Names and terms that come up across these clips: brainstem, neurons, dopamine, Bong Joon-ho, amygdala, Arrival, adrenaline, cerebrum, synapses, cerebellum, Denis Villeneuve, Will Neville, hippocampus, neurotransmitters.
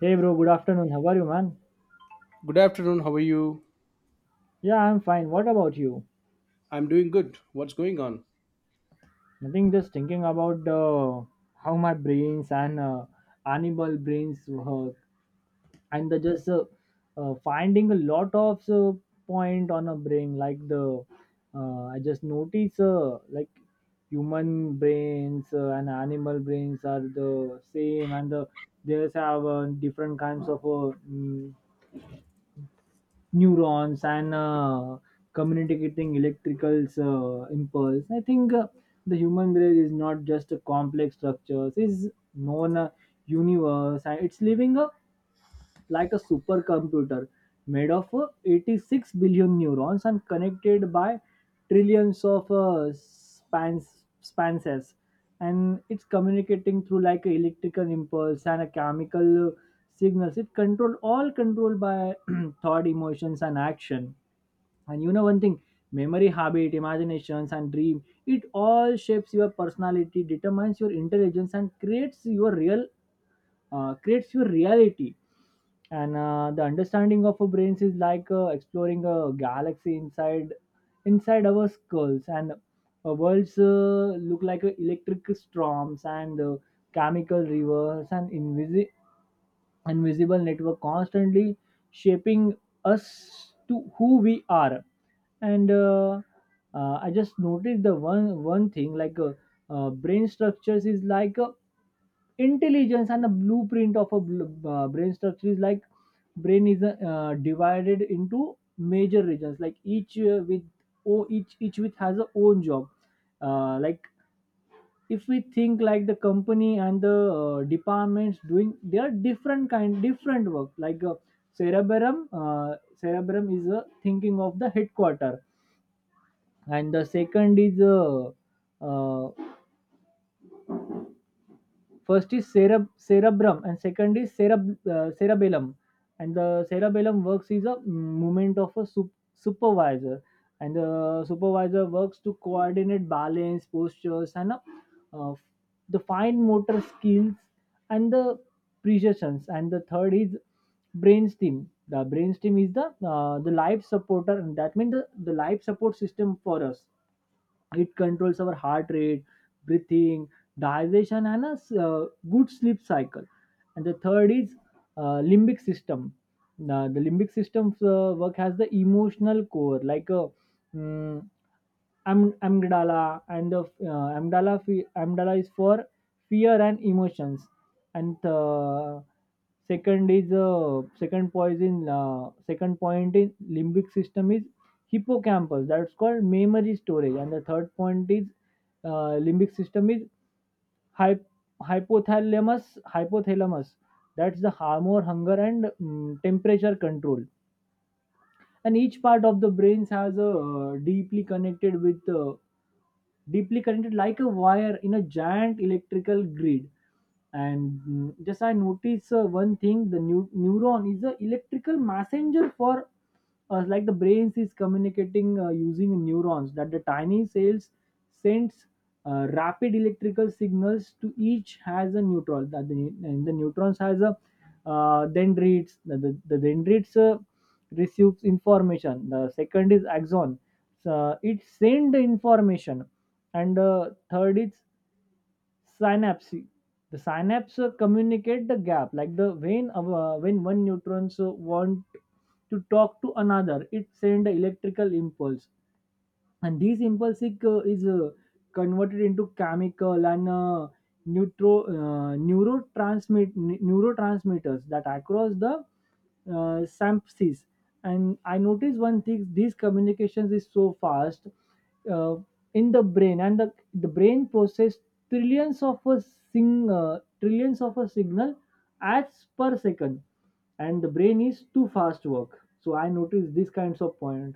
Hey bro, good afternoon. How are you, man? Good afternoon. How are you? Yeah, I'm fine. What about you? I'm doing good. What's going on? Nothing, just thinking about how my brains and animal brains work, and the just finding a lot of point on a brain like the I just notice like human brains and animal brains are the same, and the they just have different kinds of neurons and communicating electrical impulse. I think the human brain is not just a complex structure; it's known a universe, and it's living a like a supercomputer made of 86 billion neurons and connected by trillions of spanses. And it's communicating through like a electrical impulse and a chemical signals. It control all controlled by thought, emotions and action. And you know one thing, memory, habit, imaginations and dream, it all shapes your personality, determines your intelligence and creates your real creates your reality. And the understanding of our brains is like exploring a galaxy inside our skulls. And our worlds look like electric storms and chemical rivers and invisible network constantly shaping us to who we are. And I just noticed the one thing like brain structures is like intelligence. And the blueprint of a brain structure is like brain is divided into major regions, like each with oh each with has a own job, like if we think like the company and the departments doing they are different kind, different work, like cerebrum. Cerebrum is thinking of the headquarter. And the second is uh, first is cerebrum and second is cerebellum. And the cerebellum works is a movement of a supervisor. And the supervisor works to coordinate balance, postures, and uh, the fine motor skills and the precisions. And the third is brainstem. The brainstem is the life supporter, and that means the life support system for us. It controls our heart rate, breathing, digestion, and a good sleep cycle. And the third is limbic system. Now, the limbic system's work has the emotional core, like a mm, amygdala. And the amygdala, amygdala is for fear and emotions. And second is second point in limbic system is hippocampus, that's called memory storage. And the third point is limbic system is hy- hypothalamus. Hypothalamus, that's the hormone, hunger and temperature control. And each part of the brains has a deeply connected like a wire in a giant electrical grid. And just I notice one thing, the new neuron is a electrical messenger for us. Like the brains is communicating using neurons, that the tiny cells sends rapid electrical signals to each has a neutron that and the neutrons has a dendrites. The dendrites receives information. The second is axon, so it send the information. And third is synapse. The synapse communicate the gap, like the when one neutrons want to talk to another, it send a electrical impulse. And this impulsive is converted into chemical and neurotransmitters that across the synapses. And I noticed one thing, these communications is so fast uh, in the brain. And the brain process trillions of a sing trillions of a signal as per second. And the brain is too fast work, so I noticed these kinds of point.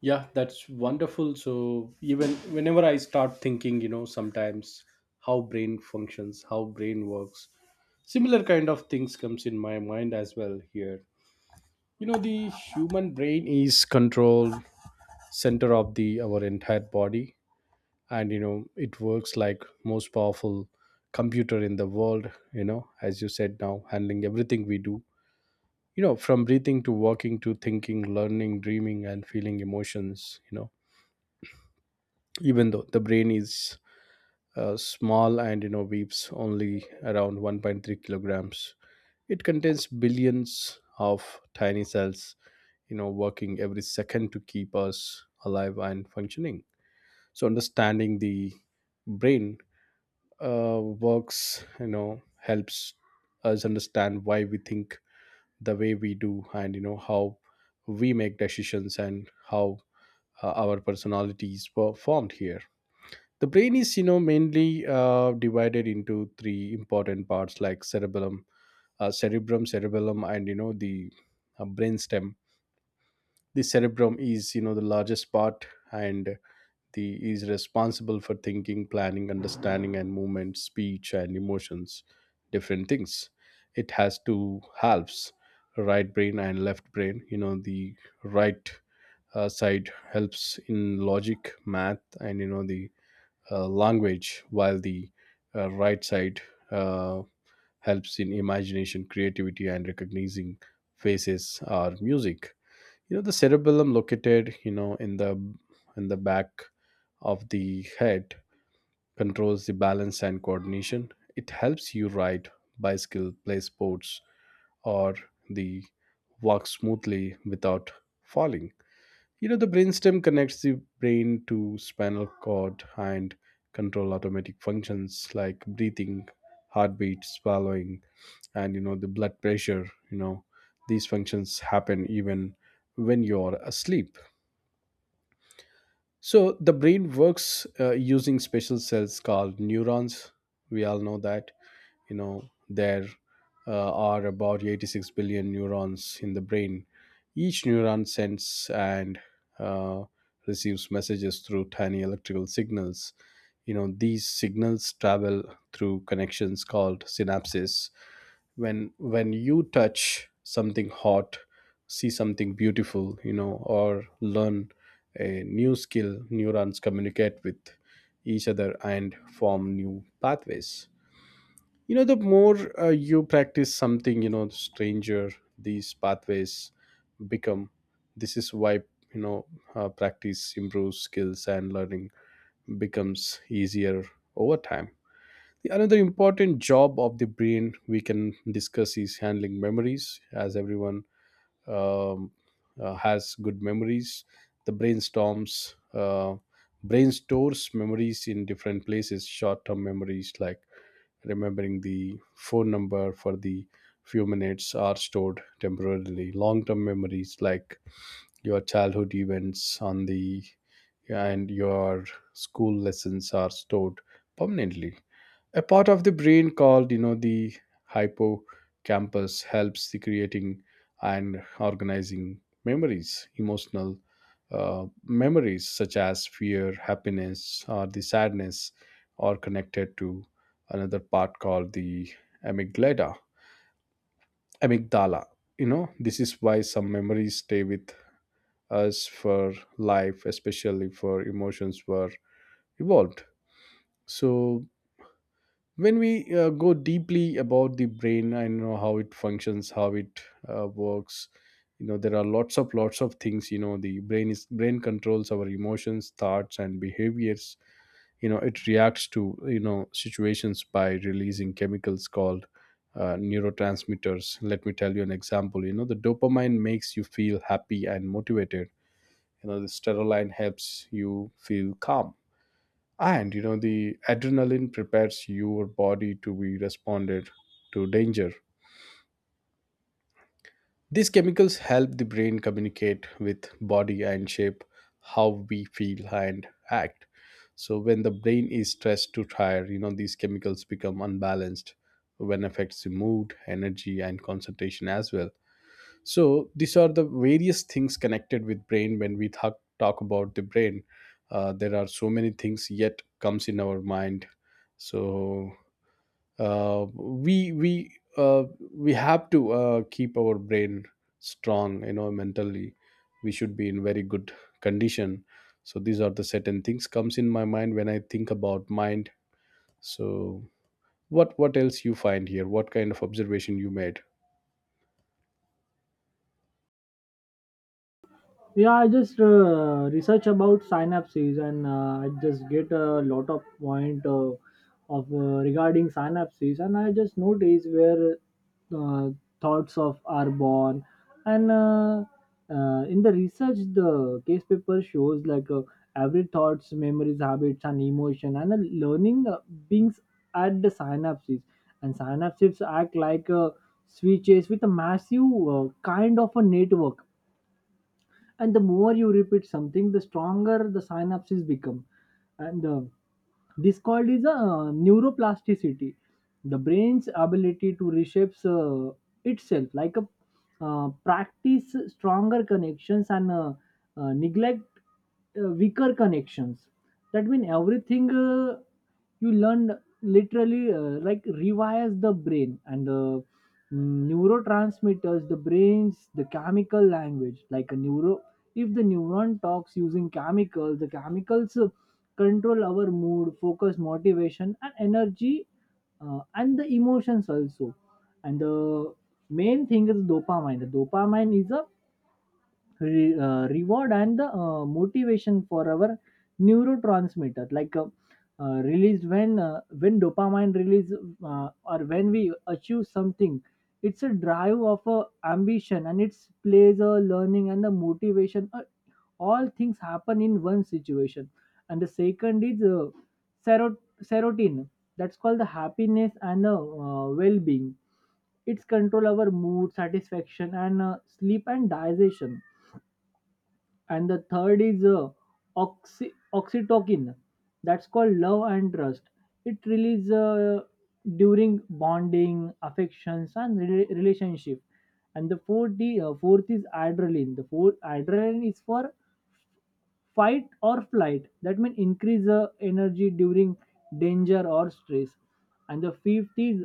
Yeah, that's wonderful. So even whenever I start thinking, you know, sometimes how brain functions, how brain works, similar kind of things comes in my mind as well here. You know, the human brain is control center of the our entire body, and you know, it works like most powerful computer in the world, you know, as you said now, handling everything we do, you know, from breathing to walking to thinking, learning, dreaming, and feeling emotions, you know. Even though the brain is small, and you know, weighs only around 1.3 kilograms, it contains billions of tiny cells, you know, working every second to keep us alive and functioning. So understanding the brain uh, works, you know, helps us understand why we think the way we do, and you know, how we make decisions, and how our personalities were formed here. The brain is, you know, mainly divided into three important parts like cerebellum, cerebrum, cerebellum, and you know, the brainstem. The cerebrum is, you know, the largest part, and the is responsible for thinking, planning, understanding, and movement, speech, and emotions, different things. It has two halves, right brain and left brain. You know, the right side helps in logic, math, and you know, the language, while the right side uh, helps in imagination, creativity, and recognizing faces or music. You know, the cerebellum located, you know, in the back of the head, controls the balance and coordination. It helps you ride bicycle, play sports, or the walk smoothly without falling. You know, the brainstem connects the brain to spinal cord and control automatic functions like breathing, heartbeat, swallowing, and you know, the blood pressure. You know, these functions happen even when you're asleep. So the brain works using special cells called neurons. We all know that. You know, there are about 86 billion neurons in the brain. Each neuron sends and uh, receives messages through tiny electrical signals. You know, these signals travel through connections called synapses. When you touch something hot, see something beautiful, you know, or learn a new skill, neurons communicate with each other and form new pathways. You know, the more you practice something, you know, stranger these pathways become. This is why, you know, practice improves skills and learning becomes easier over time. Another important job of the brain we can discuss is handling memories. As everyone um, has good memories, the brain stores memories in different places. Short-term memories like remembering the phone number for the few minutes are stored temporarily. Long-term memories like your childhood events on the and your school lessons are stored permanently. A part of the brain called, you know, the hippocampus helps the creating and organizing memories. Emotional memories such as fear, happiness, or the sadness are connected to another part called the amygdala, amygdala. You know, this is why some memories stay with us for life, especially for emotions were evolved. So when we go deeply about the brain and you know how it functions, how it works, you know, there are lots of things. You know, the brain is brain controls our emotions, thoughts, and behaviors. You know, it reacts to, you know, situations by releasing chemicals called neurotransmitters. Let me tell you an example. You know, the dopamine makes you feel happy and motivated. You know, the sterolene helps you feel calm, and you know, the adrenaline prepares your body to be responded to danger. These chemicals help the brain communicate with body and shape how we feel and act. So when the brain is stressed to tired, you know, these chemicals become unbalanced, when affects the mood, energy, and concentration as well. So these are the various things connected with brain. When we talk about the brain, there are so many things yet comes in our mind. So uh, we we uh, we have to keep our brain strong. You know, mentally we should be in very good condition. So these are the certain things comes in my mind when I think about mind. So what else you find here, what kind of observation you made? Yeah, I just research about synapses, and I just get a lot of point of regarding synapses, and I just notice where uh, thoughts of are born. And in the research, the case paper shows like every thoughts, memories, habits, and emotion, and learning beings at the synapses. And synapses act like switches with a massive kind of a network. And the more you repeat something, the stronger the synapses become. And this called is a neuroplasticity, the brain's ability to reshape itself. Like a practice stronger connections and neglect weaker connections. That means everything you learned literally like rewires the brain. And the neurotransmitters, the brains, the chemical language, like a neuro, if the neuron talks using chemicals, the chemicals control our mood, focus, motivation, and energy, and the emotions also. And the main thing is dopamine. The dopamine is a reward and the motivation for our neurotransmitter, like. Released when dopamine release or when we achieve something. It's a drive of a ambition and it's plays a learning and the motivation, a all things happen in one situation. And the second is serot- serotonin, that's called the happiness and the well-being. It's control our mood, satisfaction and sleep and digestion. And the third is oxytocin, that's called love and trust. It releases during bonding, affections and relationship. And the fourth, fourth is adrenaline. The fourth adrenaline is for fight or flight, that means increase the energy during danger or stress. And the fifth is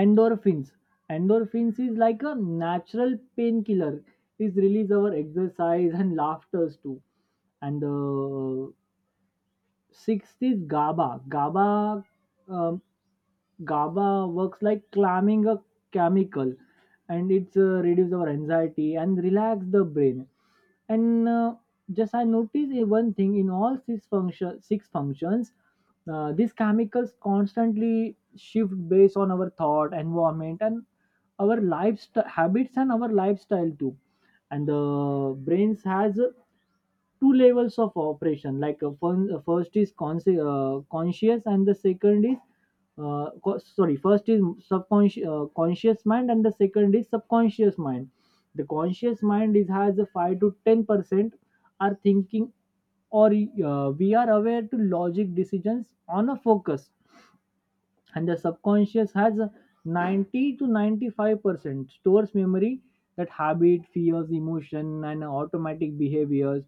endorphins. Endorphins is like a natural painkiller, is release our exercise and laughters too. And the sixth is GABA. GABA, um, GABA works like climbing a chemical, and it's reduce our anxiety and relax the brain. And just I noticed a one thing, in all six function, six functions, these chemicals constantly shift based on our thought, environment, and our lifestyle habits and our lifestyle too. And the brains has two levels of operation, like first is conscious and the second is sorry, first is subconscious conscious mind and the second is subconscious mind. The conscious mind is has a 5 to 10% are thinking, or we are aware to logic decisions on a focus. And the subconscious has a 90 to 95% stores memory, that habit, fears, emotion and automatic behaviors.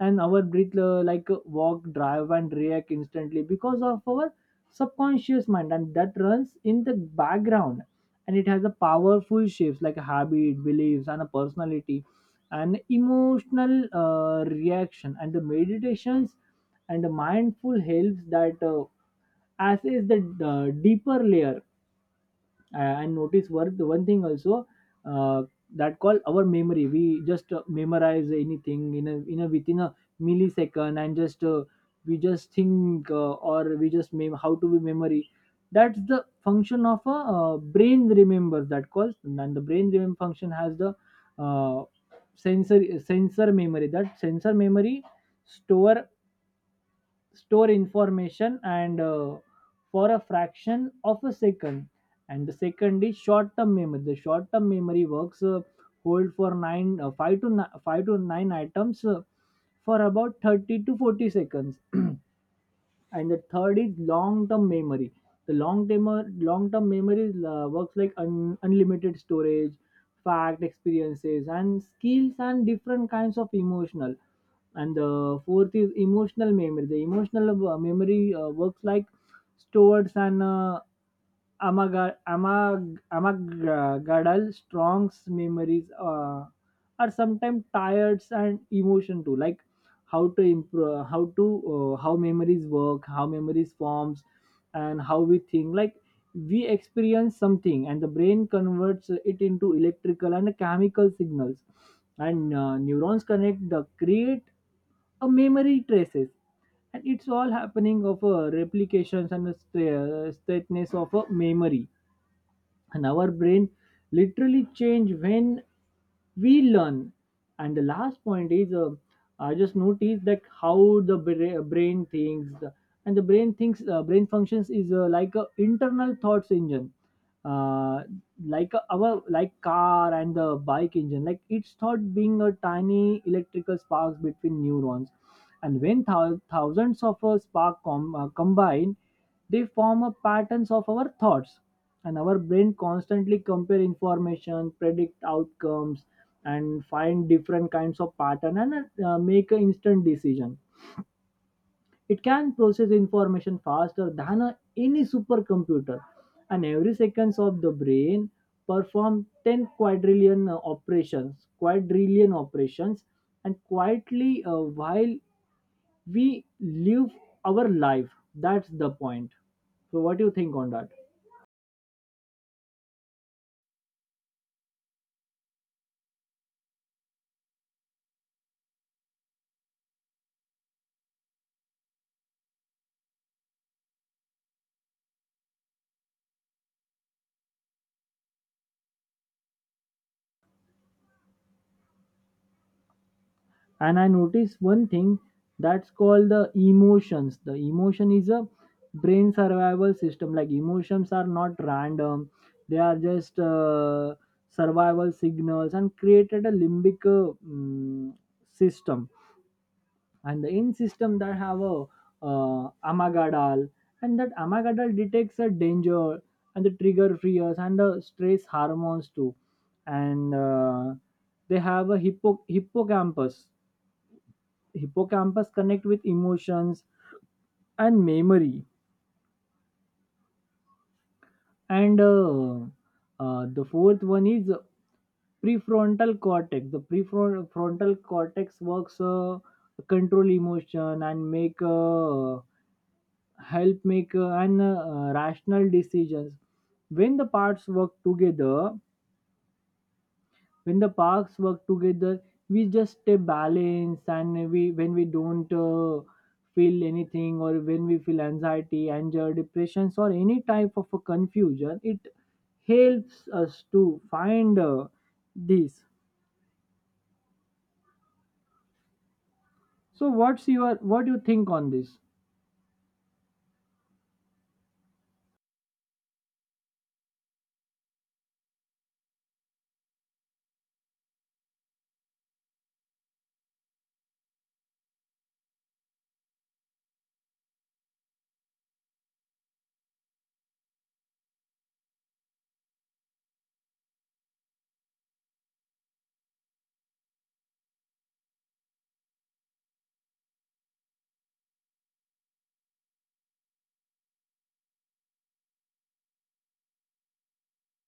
And our breath like walk, drive and react instantly because of our subconscious mind, and that runs in the background. And it has a powerful shifts like habit, beliefs and a personality and emotional reaction. And the meditations and the mindful helps that as is the deeper layer. And notice the one thing also, uh, that call our memory, we just memorize anything in in a within a millisecond. And just we just think or we just how to be memory, that's the function of a brain remembers, that calls. And the brain remember function has the uh, sensor memory. That sensor memory store store information and for a fraction of a second. And the second is short term memory. The short term memory works hold for 9 uh, 5 to 5 to 9 items for about 30 to 40 seconds. And the third is long term memory. The long term memory works like unlimited storage, fact, experiences and skills and different kinds of emotional. And the fourth is emotional memory. The emotional memory works like stores and amagadal, strong memories are sometimes tired and emotion too. Like how to improve, how to how memories work, how memories forms, and how we think. Like we experience something and the brain converts it into electrical and chemical signals. And neurons connect the create a memory traces. And it's all happening of a replications and a straightness of a memory. And our brain literally change when we learn. And the last point is I just noticed that how the brain thinks. And the brain thinks brain functions is like a internal thoughts engine, uh, like our, like car and the bike engine, like it's thought being a tiny electrical sparks between neurons. And when thousands of spark combine, they form a patterns of our thoughts. And our brain constantly compare information, predict outcomes and find different kinds of pattern and make an instant decision. It can process information faster than any supercomputer. And every seconds of the brain perform 10 quadrillion operations quadrillion operations, and quietly while we live our life. That's the point. So what do you think on that? And I noticed one thing, that's called the emotions. The emotion is a brain survival system, like emotions are not random, they are just survival signals and created a limbic system. And the in system that have a amagadal, and that amagadal detects a danger and the trigger fears and the stress hormones too. And they have a hippocampus. Hippocampus connect with emotions and memory. And the fourth one is prefrontal cortex. The prefrontal frontal cortex works control emotion and make help make an rational decisions. when the parts work together when the parts work together, we just stay balanced. And we when we don't feel anything, or when we feel anxiety, anger, depressions or any type of a confusion, it helps us to find this. So what do you think on this?